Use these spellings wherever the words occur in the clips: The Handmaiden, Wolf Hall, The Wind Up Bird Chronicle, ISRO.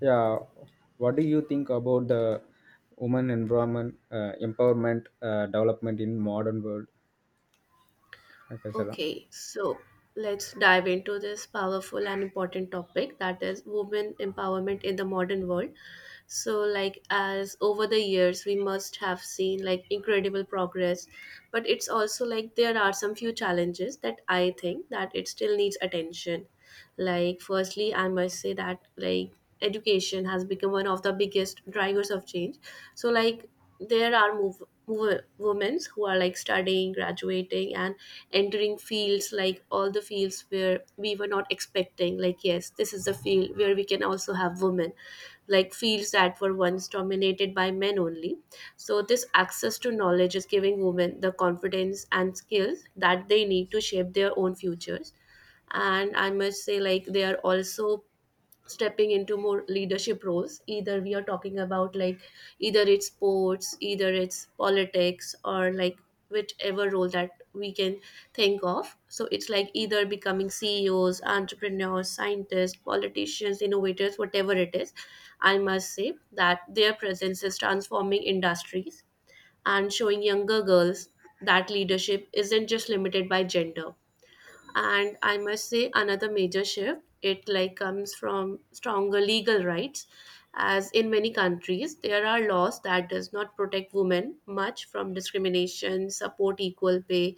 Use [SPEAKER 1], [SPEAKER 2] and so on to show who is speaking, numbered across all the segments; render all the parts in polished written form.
[SPEAKER 1] Yeah, what do you think about the women environment empowerment development in modern world? Okay, Sela.
[SPEAKER 2] Okay, so let's dive into this powerful and important topic that is women empowerment in the modern world. So, like, as over the years, we must have seen like incredible progress, but it's also like there are some few challenges that I think that it still needs attention. Like, firstly, I must say that like education has become one of the biggest drivers of change, so like there are move women who are like studying, graduating, and entering fields, like all the fields where we were not expecting like, yes, this is the field where we can also have women, like fields that were once dominated by men only. So this access to knowledge is giving women the confidence and skills that they need to shape their own futures. And I must say like they are also stepping into more leadership roles. Either we are talking about like either it's sports, either it's politics, or like whichever role that we can think of, so it's like either becoming CEOs, entrepreneurs, scientists, politicians, innovators, whatever it is. I must say that their presence is transforming industries and showing younger girls that leadership isn't just limited by gender. And I must say another major shift it like comes from stronger legal rights, as in many countries there are laws that does not protect women much from discrimination, support equal pay,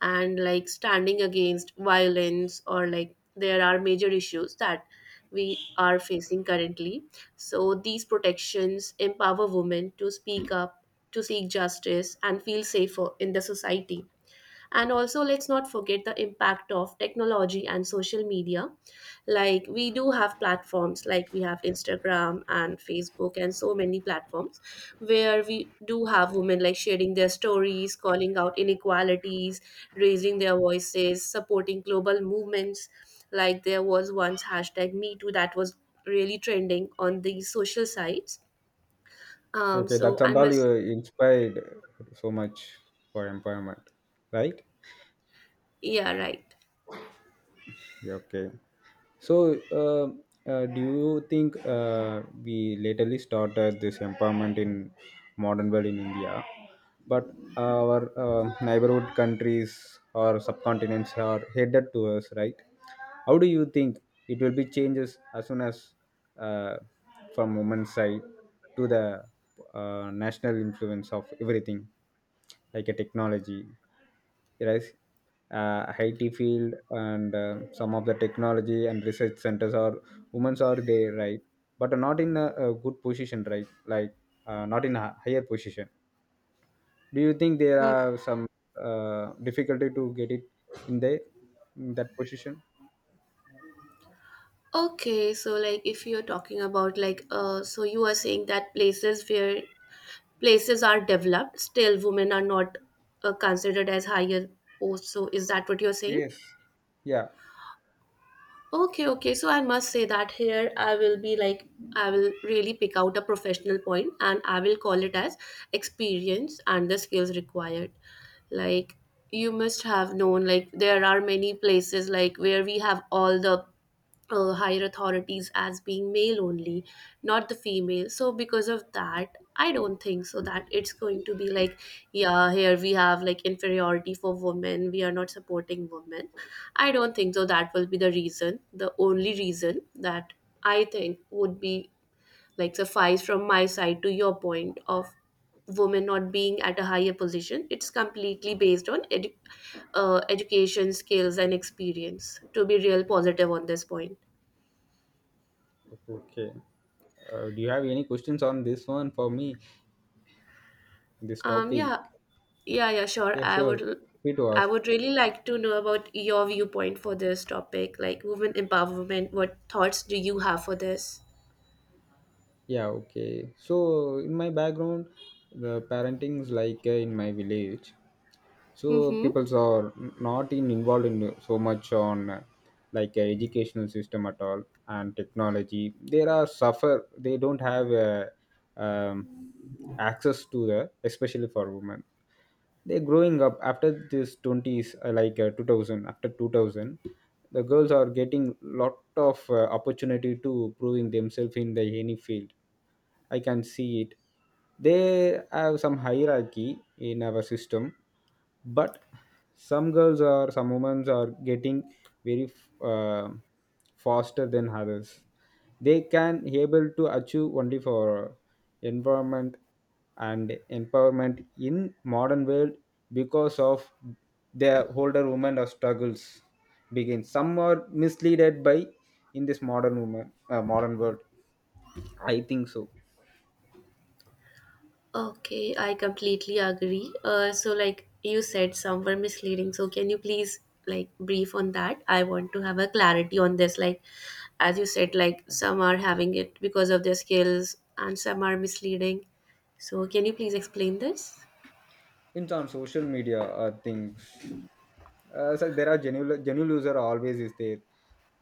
[SPEAKER 2] and like standing against violence, or like there are major issues that we are facing currently. So these protections empower women to speak up, to seek justice, and feel safer in the society. And also, let's not forget the impact of technology and social media. Like, we do have platforms, like we have Instagram and Facebook and so many platforms where we do have women like sharing their stories, calling out inequalities, raising their voices, supporting global movements. Like, there was once hashtag Me Too that was really trending on these social sites. Um,
[SPEAKER 1] Okay,
[SPEAKER 2] so,
[SPEAKER 1] that's
[SPEAKER 2] I
[SPEAKER 1] and all you
[SPEAKER 2] must,
[SPEAKER 1] inspired so much for empowerment, right?
[SPEAKER 2] yeah, right.
[SPEAKER 1] Yeah, okay. So, do you think we lately started this empowerment in modern world in India, but our neighborhood countries or subcontinents are headed to us, right? How do you think it will be changes as soon as uh, from women's side to the national influence of everything? Like a technology, right? Uh, IT field and some of the technology and research centers are women's are there, right? But not in a good position, right? Like not in a higher position. Do you think there
[SPEAKER 2] Hmm.
[SPEAKER 1] are some difficulty to get it in the in that position?
[SPEAKER 2] Okay, so like if you're talking about like so you are saying that places where places are developed, still women are not, considered as higher posts. So is that what you're saying?
[SPEAKER 1] Yes, yeah.
[SPEAKER 2] Okay, okay. So I must say that here I will be like I will really pick out a professional point and I will call it as experience and the skills required. Like you must have known like there are many places like where we have all the higher authorities as being male only, not the female. So because of that, I don't think so that it's going to be like, yeah, here we have like inferiority for women. We are not supporting women. I don't think so. That will be the reason, the only reason that I think would be like suffice from my side to your point of women not being at a higher position. It's completely based on education, skills, and experience. To be real positive on this point.
[SPEAKER 1] Okay, do you have any questions on this one for me, this topic?
[SPEAKER 2] Yeah, yeah, yeah, sure.
[SPEAKER 1] Yeah, sure, free to
[SPEAKER 2] I
[SPEAKER 1] ask.
[SPEAKER 2] would really like to know about your viewpoint for this topic, like women empowerment. What thoughts do you have for this?
[SPEAKER 1] Yeah, okay. So in my background, the parenting is like in my village. So
[SPEAKER 2] Mm-hmm.
[SPEAKER 1] peoples are not in involved in so much on like educational system at all and technology. There are suffer. They don't have um, access to the especially for women. They're growing up after this twenties, like 2000. After 2000, the girls are getting lot of opportunity to proving themselves in the any field, I can see it. They have some hierarchy in our system, but some girls or some women are getting very uh, faster than others. They can able to achieve only for environment and empowerment in modern world because of their older women or struggles begin. Some are misleaded by in this modern woman modern world, I think so.
[SPEAKER 2] Okay, I completely agree. So like you said, some were misleading. So can you please like brief on that? I want to have a clarity on this. Like, as you said, like some are having it because of their skills, and some are misleading. So can you please explain this?
[SPEAKER 1] In on social media things, so there are genuine user always is there,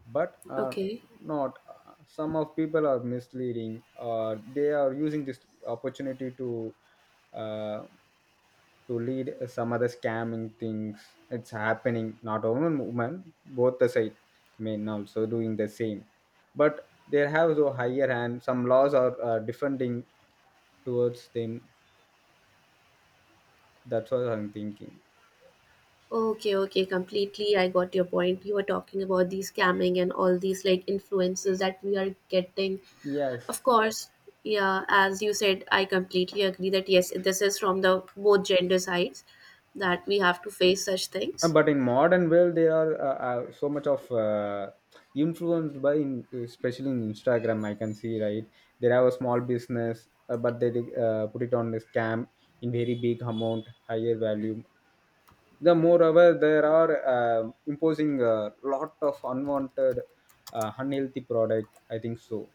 [SPEAKER 1] but
[SPEAKER 2] Okay.
[SPEAKER 1] not some of people are misleading or they are using this opportunity uh, to lead some other scamming things. It's happening not only in women, both the side, men also doing the same, but they have the higher hand. Some laws are defending towards them, that's what I'm thinking.
[SPEAKER 2] Okay, okay, completely. I got your point. You were talking about the scamming and all these like influences that we are getting.
[SPEAKER 1] Yes.
[SPEAKER 2] Of course, yeah, as you said, I completely agree that yes, this is from the both gender sides that we have to face such things.
[SPEAKER 1] But in modern world, there are so much of influenced by, in, especially in Instagram, I can see, right. They have a small business, but they put it on the scam in very big amount, higher value. The moreover, there are imposing a lot of unwanted, unhealthy product, I think so.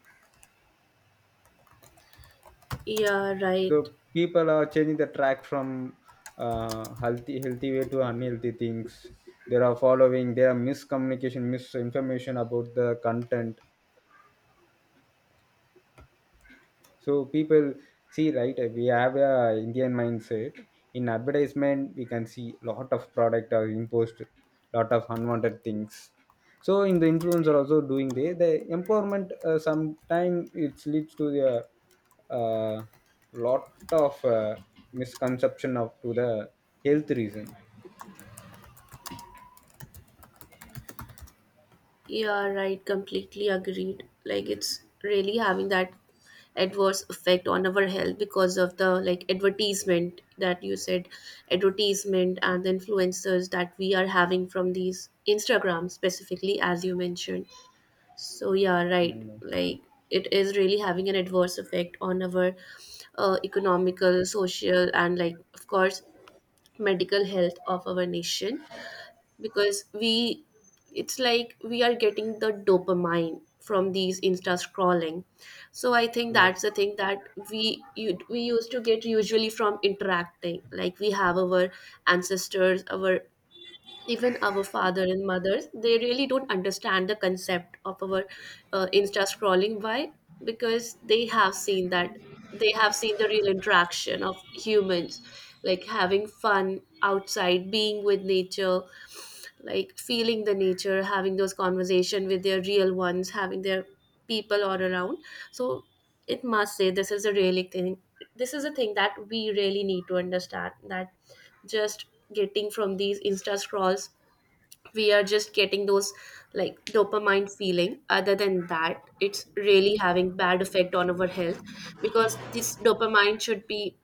[SPEAKER 2] Yeah, right.
[SPEAKER 1] So people are changing the track from healthy way to unhealthy things they are following. There are miscommunication, misinformation about the content. So people see, right. We have a Indian mindset. In advertisement, we can see lot of product are imposed, lot of unwanted things. So in the influencer also doing the empowerment. Sometime it leads to the uh, lot of misconception of to the health reason.
[SPEAKER 2] Yeah, right. Completely agreed. Like it's really having that adverse effect on our health because of the like advertisement that you said, advertisement and the influencers that we are having from these Instagram specifically, as you mentioned. So yeah, right,
[SPEAKER 1] Mm.
[SPEAKER 2] like it is really having an adverse effect on our economical, social, and like of course medical health of our nation, because we, it's like we are getting the dopamine from these insta scrolling. So I think that's
[SPEAKER 1] Yes.
[SPEAKER 2] the thing that we used to get usually from interacting. Like we have our ancestors, our even our father and mothers, they really don't understand the concept of our insta scrolling. Why? Because they have seen the real interaction of humans, like having fun outside, being with nature, like feeling the nature, having those conversation with their real ones, having their people all around. So it must say this is a really thing, this is a thing that we really need to understand, that just getting from these insta scrolls, we are just getting those like dopamine feeling. Other than that, it's really having bad effect on our health, because this dopamine should be,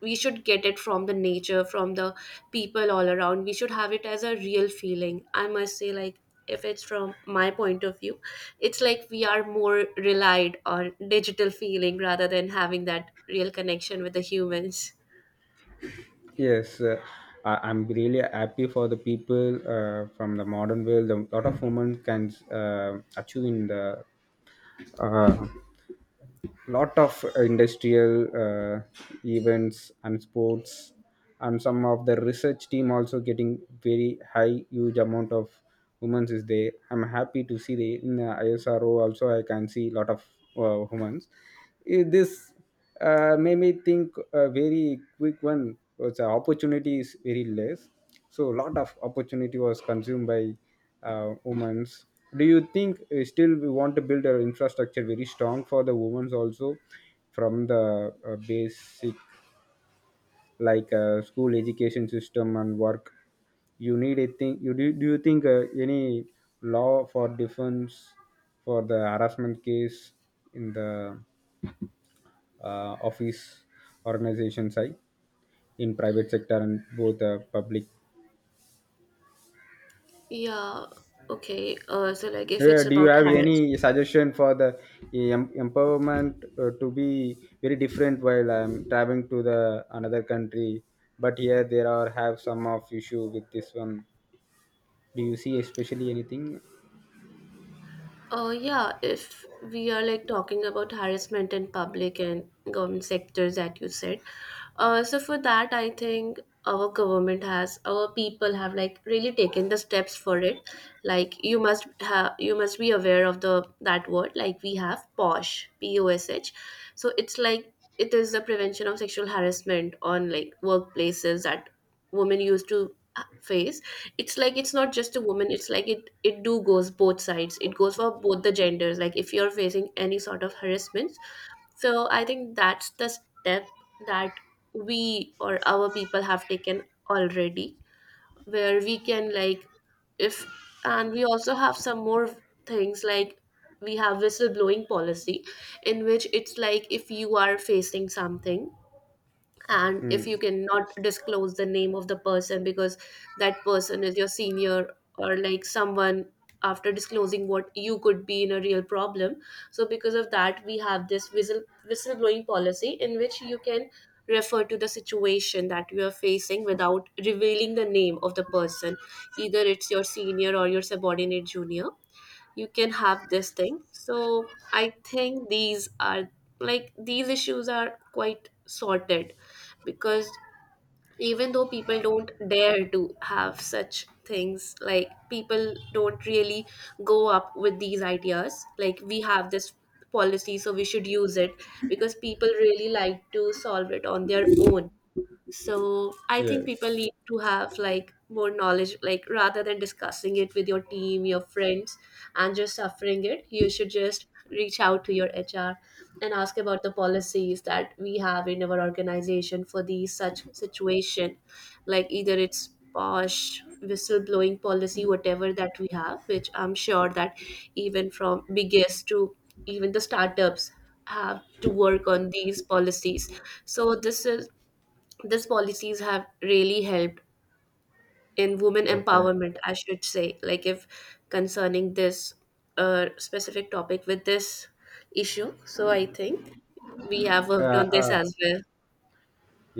[SPEAKER 2] we should get it from the nature, from the people all around. We should have it as a real feeling. I must say, like, if it's from my point of view, it's like we are more relied on digital feeling rather than having that real connection with the humans.
[SPEAKER 1] Yes, I'm really happy for the people from the modern world. A lot of women can achieve in the uh, lot of industrial events and sports, and some of the research team also getting very high, huge amount of women is there. I'm happy to see the in the ISRO also. I can see lot of women. This made me think a very quick one was opportunity is very less, so a lot of opportunity was consumed by women. Do you think still we want to build our infrastructure very strong for the women also from the basic, like school education system and work? You need a thing, you do you think any law for defense for the harassment case in the office organizations, side, in private sector and both public.
[SPEAKER 2] Yeah, okay, so like if it's
[SPEAKER 1] Do you
[SPEAKER 2] about
[SPEAKER 1] have
[SPEAKER 2] har-.
[SPEAKER 1] any suggestion for the empowerment to be very different while I'm traveling to the another country, but here there are have some of issue with this one? Do you see especially anything?
[SPEAKER 2] Yeah, if we are like talking about harassment in public and government sectors that you said, so for that, I think our government has, our people have like really taken the steps for it. Like you must have, you must be aware of the that word. Like we have POSH, P O S H. So it's like it is the prevention of sexual harassment on like workplaces that women used to face. It's like it's not just a woman, it's like it do goes both sides, it goes for both the genders. Like if you're facing any sort of harassments, so I think that's the step that we or our people have taken already, where we can like if, and we also have some more things like we have whistleblowing policy, in which it's like if you are facing something and if
[SPEAKER 1] Hmm.
[SPEAKER 2] you cannot disclose the name of the person because that person is your senior or like someone, after disclosing what you could be in a real problem, so because of that we have this whistleblowing policy in which you can refer to the situation that you are facing without revealing the name of the person, either it's your senior or your subordinate junior. You can have this thing. So I think these are, like these issues are quite sorted, because even though people don't dare to have such things, like people don't really go up with these ideas. Like we have this policy, so we should use it, because people really like to solve it on their own. So I think people
[SPEAKER 1] Yes.
[SPEAKER 2] need to have like more knowledge, like rather than discussing it with your team, your friends, and just suffering it, you should just reach out to your HR and ask about the policies that we have in our organization for these such situation. Like either it's posh whistleblowing policy, whatever that we have, which I'm sure that even from biggest to even the startups have to work on these policies. So this is, these policies have really helped in women
[SPEAKER 1] Okay.
[SPEAKER 2] empowerment, I should say, like if concerning this specific topic with this issue, so I think we have worked
[SPEAKER 1] uh,
[SPEAKER 2] on this
[SPEAKER 1] uh,
[SPEAKER 2] as well.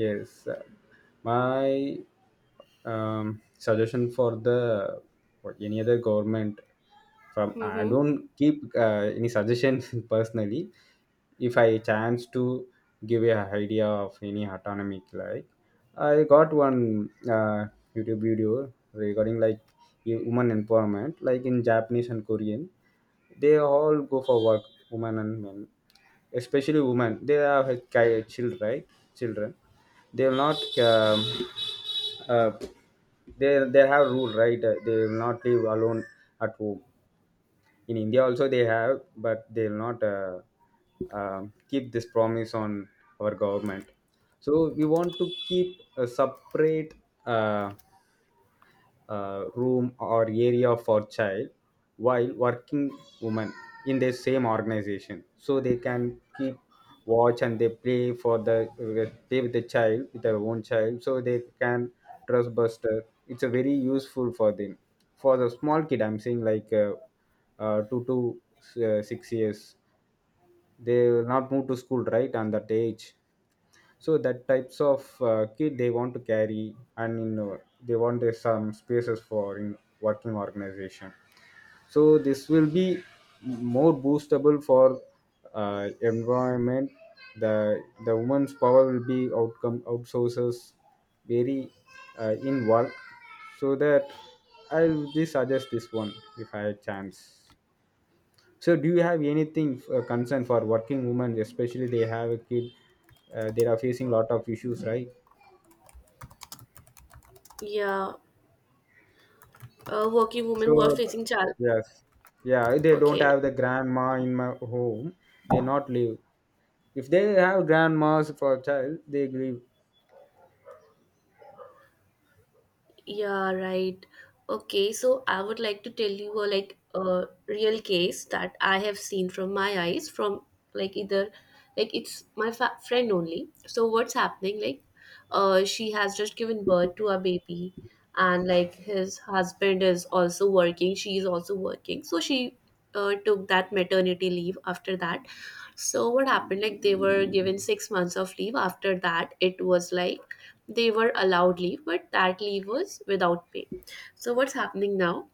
[SPEAKER 1] yes. Uh, my suggestion for the for any other government, from I
[SPEAKER 2] Mm-hmm.
[SPEAKER 1] don't keep any suggestion personally. If I chance to give a idea of any autonomy, like I got one YouTube video regarding like a woman empowerment, like in Japanese and Korean, they all go for work, women and men. Especially women, they have a children, right? Children, they will not um, uh, they have rule, right? They will not live alone at home. In India also they have, but they will not keep this promise on our government. So we want to keep a separate uh, room or area for child while working women in the same organization, so they can keep watch and they play for the play with the child with their own child, so they can trust buster. It's a very useful for them for the small kid. I'm saying like 2 to 6 years, they will not move to school right on that age. So that types of kid they want to carry, and you know, they want their some spaces for in working organization. So this will be more boostable for environment. The woman's power will be outcome outsources very in work. So that I'll be suggest this one if I had chance. So, do you have anything concern for working women, especially they have a kid, they are facing lot of issues, right?
[SPEAKER 2] Yeah, working women who are
[SPEAKER 1] So,
[SPEAKER 2] facing child.
[SPEAKER 1] yes, yeah, they don't
[SPEAKER 2] Okay.
[SPEAKER 1] have the grandma in my home, they not live. If they have grandmas for child, they live.
[SPEAKER 2] Yeah, right. Okay, so I would like to tell you a like a real case that I have seen from my eyes from like either like it's my friend only. So what's happening like she has just given birth to a baby, and like his husband is also working, she is also working. So she took that maternity leave after that. So what happened, like they were given six months of leave. After that it was like they were allowed leave, but that leave was without pay. So what's happening now?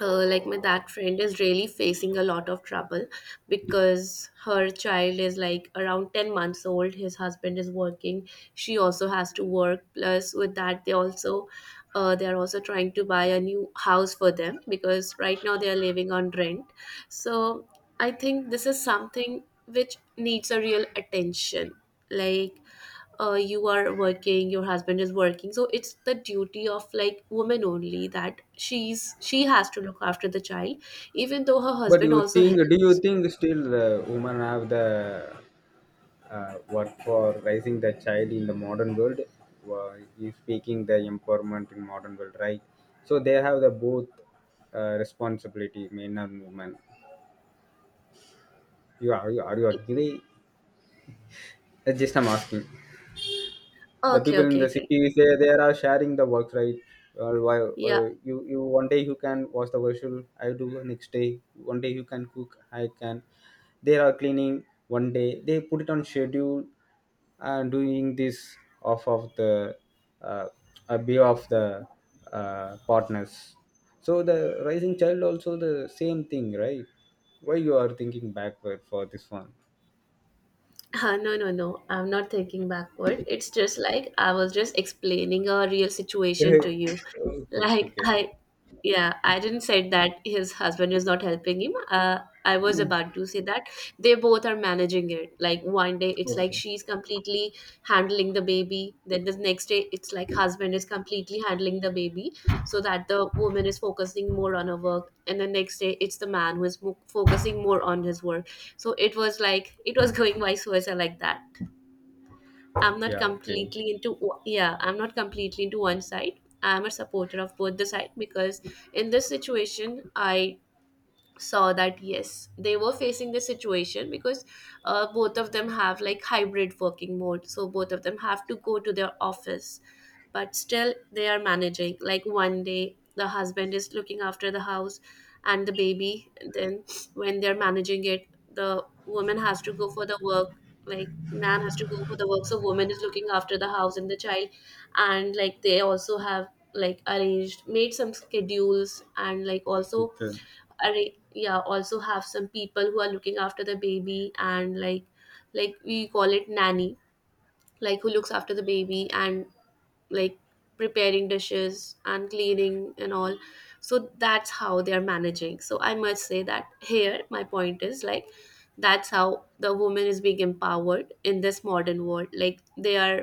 [SPEAKER 2] Like my that friend is really facing a lot of trouble, because her child is like around ten months old, his husband is working, she also has to work, plus with that they also, they are also trying to buy a new house for them, because right now they are living on rent. So I think this is something which needs a real attention. Like, you are working, your husband is working, so it's the duty of like woman only that she has to look after the child, even though her
[SPEAKER 1] But
[SPEAKER 2] husband
[SPEAKER 1] you
[SPEAKER 2] also
[SPEAKER 1] think? Do you
[SPEAKER 2] helps.
[SPEAKER 1] think still women have the work for raising the child in the modern world? Well, you speaking the empowerment in modern world, right? So they have the both responsibility, men and women. You are you agree? Just I'm asking. The
[SPEAKER 2] Okay,
[SPEAKER 1] people in
[SPEAKER 2] okay,
[SPEAKER 1] the
[SPEAKER 2] great.
[SPEAKER 1] city say they are sharing the work, right? Well, why,
[SPEAKER 2] Yeah.
[SPEAKER 1] you one day you can wash the vessel, I do next day, one day you can cook, I can, they are cleaning, one day they put it on schedule, and doing this off of the uh, a view of the partners. So the rising child also the same thing, right? Why you are thinking backward for this one?
[SPEAKER 2] No, no, no. I'm not thinking backward. It's just like I was just explaining a real situation
[SPEAKER 1] Okay,
[SPEAKER 2] to you.
[SPEAKER 1] okay,
[SPEAKER 2] Like
[SPEAKER 1] okay.
[SPEAKER 2] I, yeah, I didn't say that his husband is not helping him. I was about to say that they both are managing it. Like 1 day it's like she's completely handling the baby. Then the next day it's like husband is completely handling the baby so that the woman is focusing more on her work. And the next day it's the man who focusing more on his work so it was going vice versa like that. I'm not
[SPEAKER 1] Yeah, okay.
[SPEAKER 2] completely yeah, I'm not completely into one side. I'm a supporter of both the side, because in this situation I saw that yes, they were facing this situation because both of them have like hybrid working mode, so both of them have to go to their office, but still they are managing. Like 1 day the husband is looking after the house and the baby, and then when they're managing it the woman has to go for the work, like man has to go for the work, so woman is looking after the house and the child. And like they also have like arranged made some schedules, and like also
[SPEAKER 1] Okay.
[SPEAKER 2] yeah, also have some people who are looking after the baby, and like we call it nanny, like who looks after the baby and like preparing dishes and cleaning and all. So that's how they are managing. So I must say that here my point is like that's how the woman is being empowered in this modern world. Like they are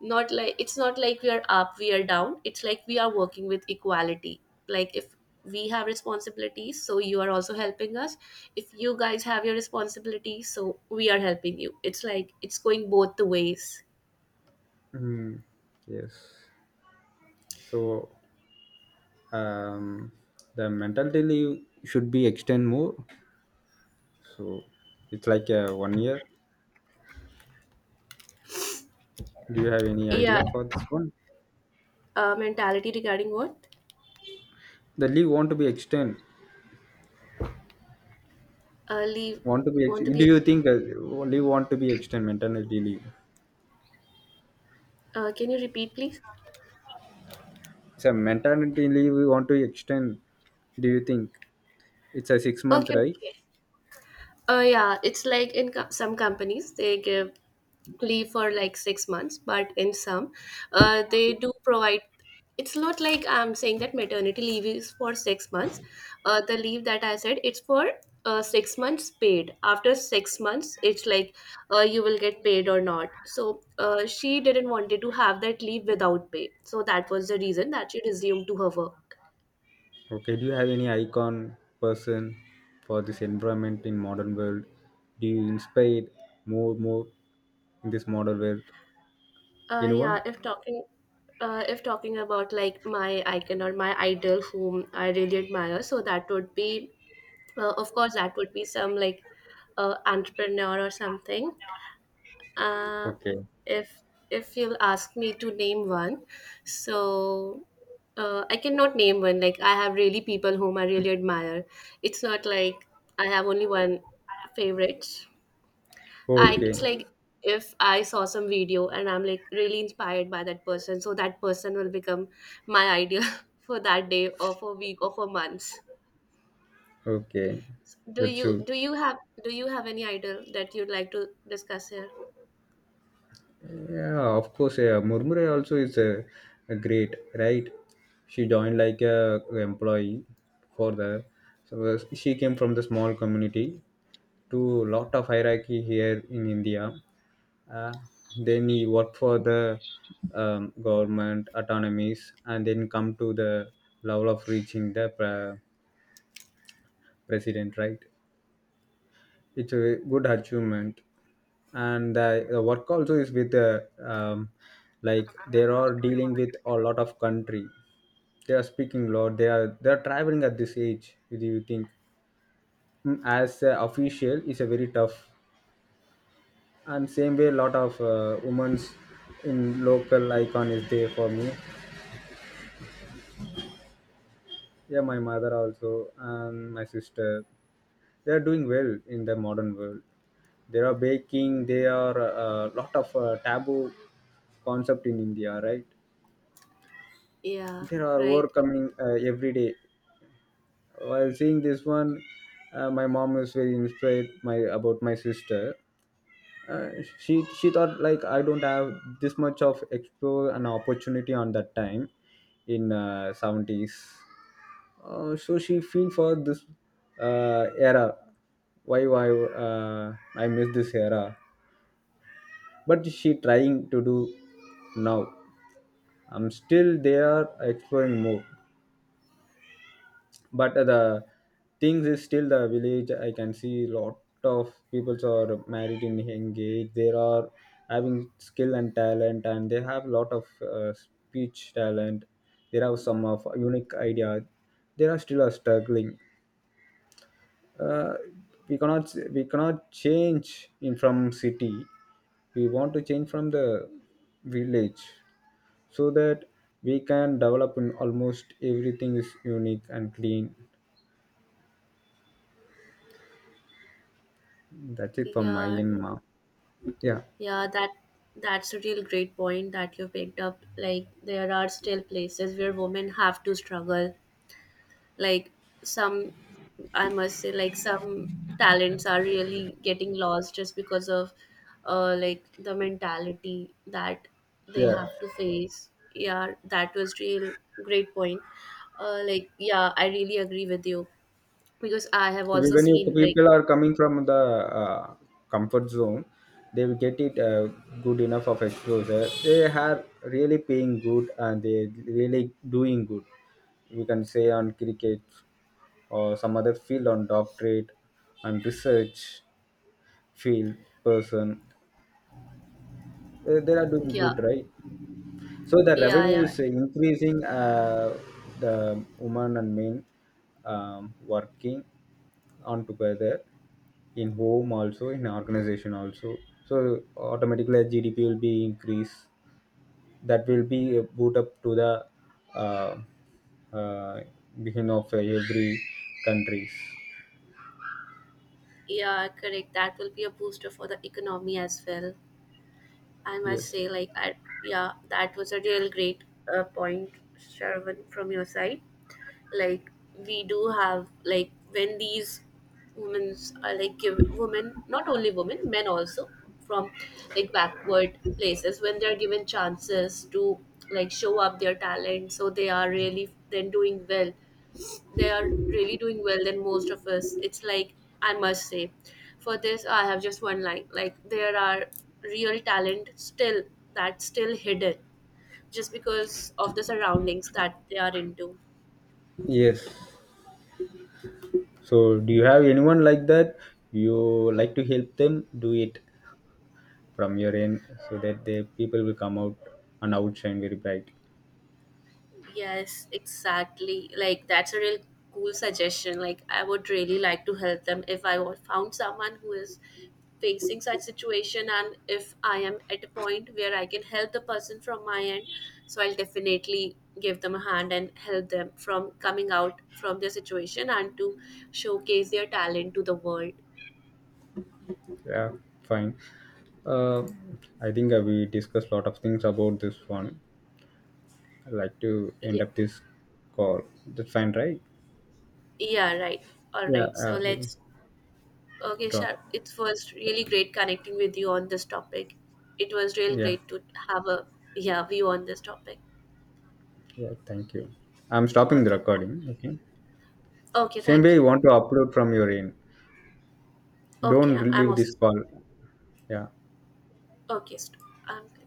[SPEAKER 2] not like, it's not like we are up, we are down, it's like we are working with equality. Like if we have responsibilities so you are also helping us, if you guys have your responsibilities so we are helping you. It's like it's going both the ways.
[SPEAKER 1] Mm, yes. So um, the mentality leave should be extend more. So it's like a 1 year. Do you have any
[SPEAKER 2] Yeah.
[SPEAKER 1] idea for this one?
[SPEAKER 2] Mentality regarding what?
[SPEAKER 1] The leave want to be extend.
[SPEAKER 2] Leave.
[SPEAKER 1] Want to be?
[SPEAKER 2] Want to be?
[SPEAKER 1] Do you
[SPEAKER 2] Ex-
[SPEAKER 1] think leave want to be extend maternity leave?
[SPEAKER 2] can you repeat, please?
[SPEAKER 1] So maternity leave we want to extend. Do you think it's a 6 month,
[SPEAKER 2] Okay,
[SPEAKER 1] right?
[SPEAKER 2] okay. Yeah, it's like in some companies they give leave for like 6 months, but in some, they do provide. It's not like I'm saying that maternity leave is for 6 months. The leave that I said it's for 6 months paid. After 6 months, it's like you will get paid or not. So she didn't wanted to have that leave without pay. So that was the reason that she resumed to her work.
[SPEAKER 1] Okay, do you have any icon person for this environment in modern world? Do you inspire more in this modern world?
[SPEAKER 2] Uh, yeah,
[SPEAKER 1] Anyone?
[SPEAKER 2] if talking, if talking about like my icon or my idol whom I really admire, so that would be, of course, that would be some like, entrepreneur or something. Uh,
[SPEAKER 1] Okay.
[SPEAKER 2] if you'll ask me to name one, so. I cannot name one. Like I have really people whom I really admire. It's not like I have only one favorite. I,
[SPEAKER 1] Okay.
[SPEAKER 2] it's like if I saw some video and I'm like really inspired by that person, so that person will become my idol for that day or for week or for months.
[SPEAKER 1] Okay.
[SPEAKER 2] Do
[SPEAKER 1] That's
[SPEAKER 2] you
[SPEAKER 1] it.
[SPEAKER 2] do you have do you have any idol that you'd like to discuss here?
[SPEAKER 1] Yeah, of course. Yeah. Murmure also is a great, right? She joined like a employee for the. So she came from the small community to lot of hierarchy here in India. Uh, then he work for the government autonomies, and then come to the level of reaching the president, right? It's a good achievement. And the work also is with the like they are dealing with a lot of country, they are speaking lot, they are traveling at this age. Do you think, mm, as a official is a very tough, and same way lot of women's in local icon is there for me. Yeah, my mother also and my sister. They are doing well in the modern world. They are baking. They are a lot of taboo concept in India, right?
[SPEAKER 2] Yeah,
[SPEAKER 1] They are
[SPEAKER 2] right.
[SPEAKER 1] overcoming every day. While seeing this one, my mom is very inspired my about my sister. Uh, she thought like I don't have this much of explore an opportunity on that time, in 70s, so she feel for this era. Why I miss this era, but she trying to do now. I'm still there exploring more, but the things is still the village. I can see lot of peoples are married in engaged, they are having skill and talent, and they have lot of speech talent. They have some of unique idea, they are still are struggling. Uh, we cannot change in from city, we want to change from the village, so that we can develop in almost everything is unique and clean. That's it from my
[SPEAKER 2] Yeah,
[SPEAKER 1] end, ma. Yeah,
[SPEAKER 2] yeah, that that's a real great point that you picked up. Like there are still places where women have to struggle, like some, I must say, like some talents are really getting lost just because of like the mentality that they
[SPEAKER 1] yeah.
[SPEAKER 2] have to face. Yeah, that was real great point. Like yeah, I really agree with you because I have
[SPEAKER 1] Even
[SPEAKER 2] also
[SPEAKER 1] when you
[SPEAKER 2] seen like.
[SPEAKER 1] people are coming from the uh, comfort zone, they will get it good enough of exposure. They are really paying good and they really doing good. We can say on cricket or some other field, on doctorate and research field person. They are doing
[SPEAKER 2] Yeah,
[SPEAKER 1] good, right? So the
[SPEAKER 2] yeah,
[SPEAKER 1] revenue
[SPEAKER 2] yeah,
[SPEAKER 1] is increasing. The woman and men working on together in home also, in organization also. So automatically GDP will be increased. That will be boot up to the uh, uh, beginning of every countries.
[SPEAKER 2] yeah, correct, that will be a booster for the economy as well. I must
[SPEAKER 1] Yes.
[SPEAKER 2] say, like I, yeah, that was a real great point. Shravan, from your side, like we do have like when these women are like, give women not only women men also from like backward places when they're given chances to like show up their talent, so they are really then doing well, they are really doing well than most of us. It's like I must say, for this I have just one line. Like there are real talent still, that's still hidden just because of the surroundings that they are into.
[SPEAKER 1] Yes. So do you have anyone like that you like to help them do it from your end, so that the people will come out and outshine very bright?
[SPEAKER 2] Yes, exactly. Like that's a real cool suggestion. Like I would really like to help them if I found someone who is facing such situation, and if I am at a point where I can help the person from my end, so I'll definitely give them a hand and help them from coming out from their situation and to showcase their talent to the world.
[SPEAKER 1] Yeah, fine. uh, I think we discussed a lot of things about this one. I'd like to end
[SPEAKER 2] Yeah,
[SPEAKER 1] up this call, that's fine, right?
[SPEAKER 2] yeah, right. All
[SPEAKER 1] yeah
[SPEAKER 2] right. So
[SPEAKER 1] uh, we
[SPEAKER 2] let's Okay,
[SPEAKER 1] drop.
[SPEAKER 2] sure. It was really great connecting with you on this topic. It was real
[SPEAKER 1] Yeah.
[SPEAKER 2] great to have a yeah view on this topic.
[SPEAKER 1] Yeah, thank you. I'm stopping the
[SPEAKER 2] Okay,
[SPEAKER 1] recording, okay.
[SPEAKER 2] okay,
[SPEAKER 1] Same way
[SPEAKER 2] thank
[SPEAKER 1] you
[SPEAKER 2] you.
[SPEAKER 1] want to upload from your end,
[SPEAKER 2] Okay,
[SPEAKER 1] don't
[SPEAKER 2] I'm, I'm
[SPEAKER 1] leave this
[SPEAKER 2] also
[SPEAKER 1] call. Yeah.
[SPEAKER 2] okay. I'm good.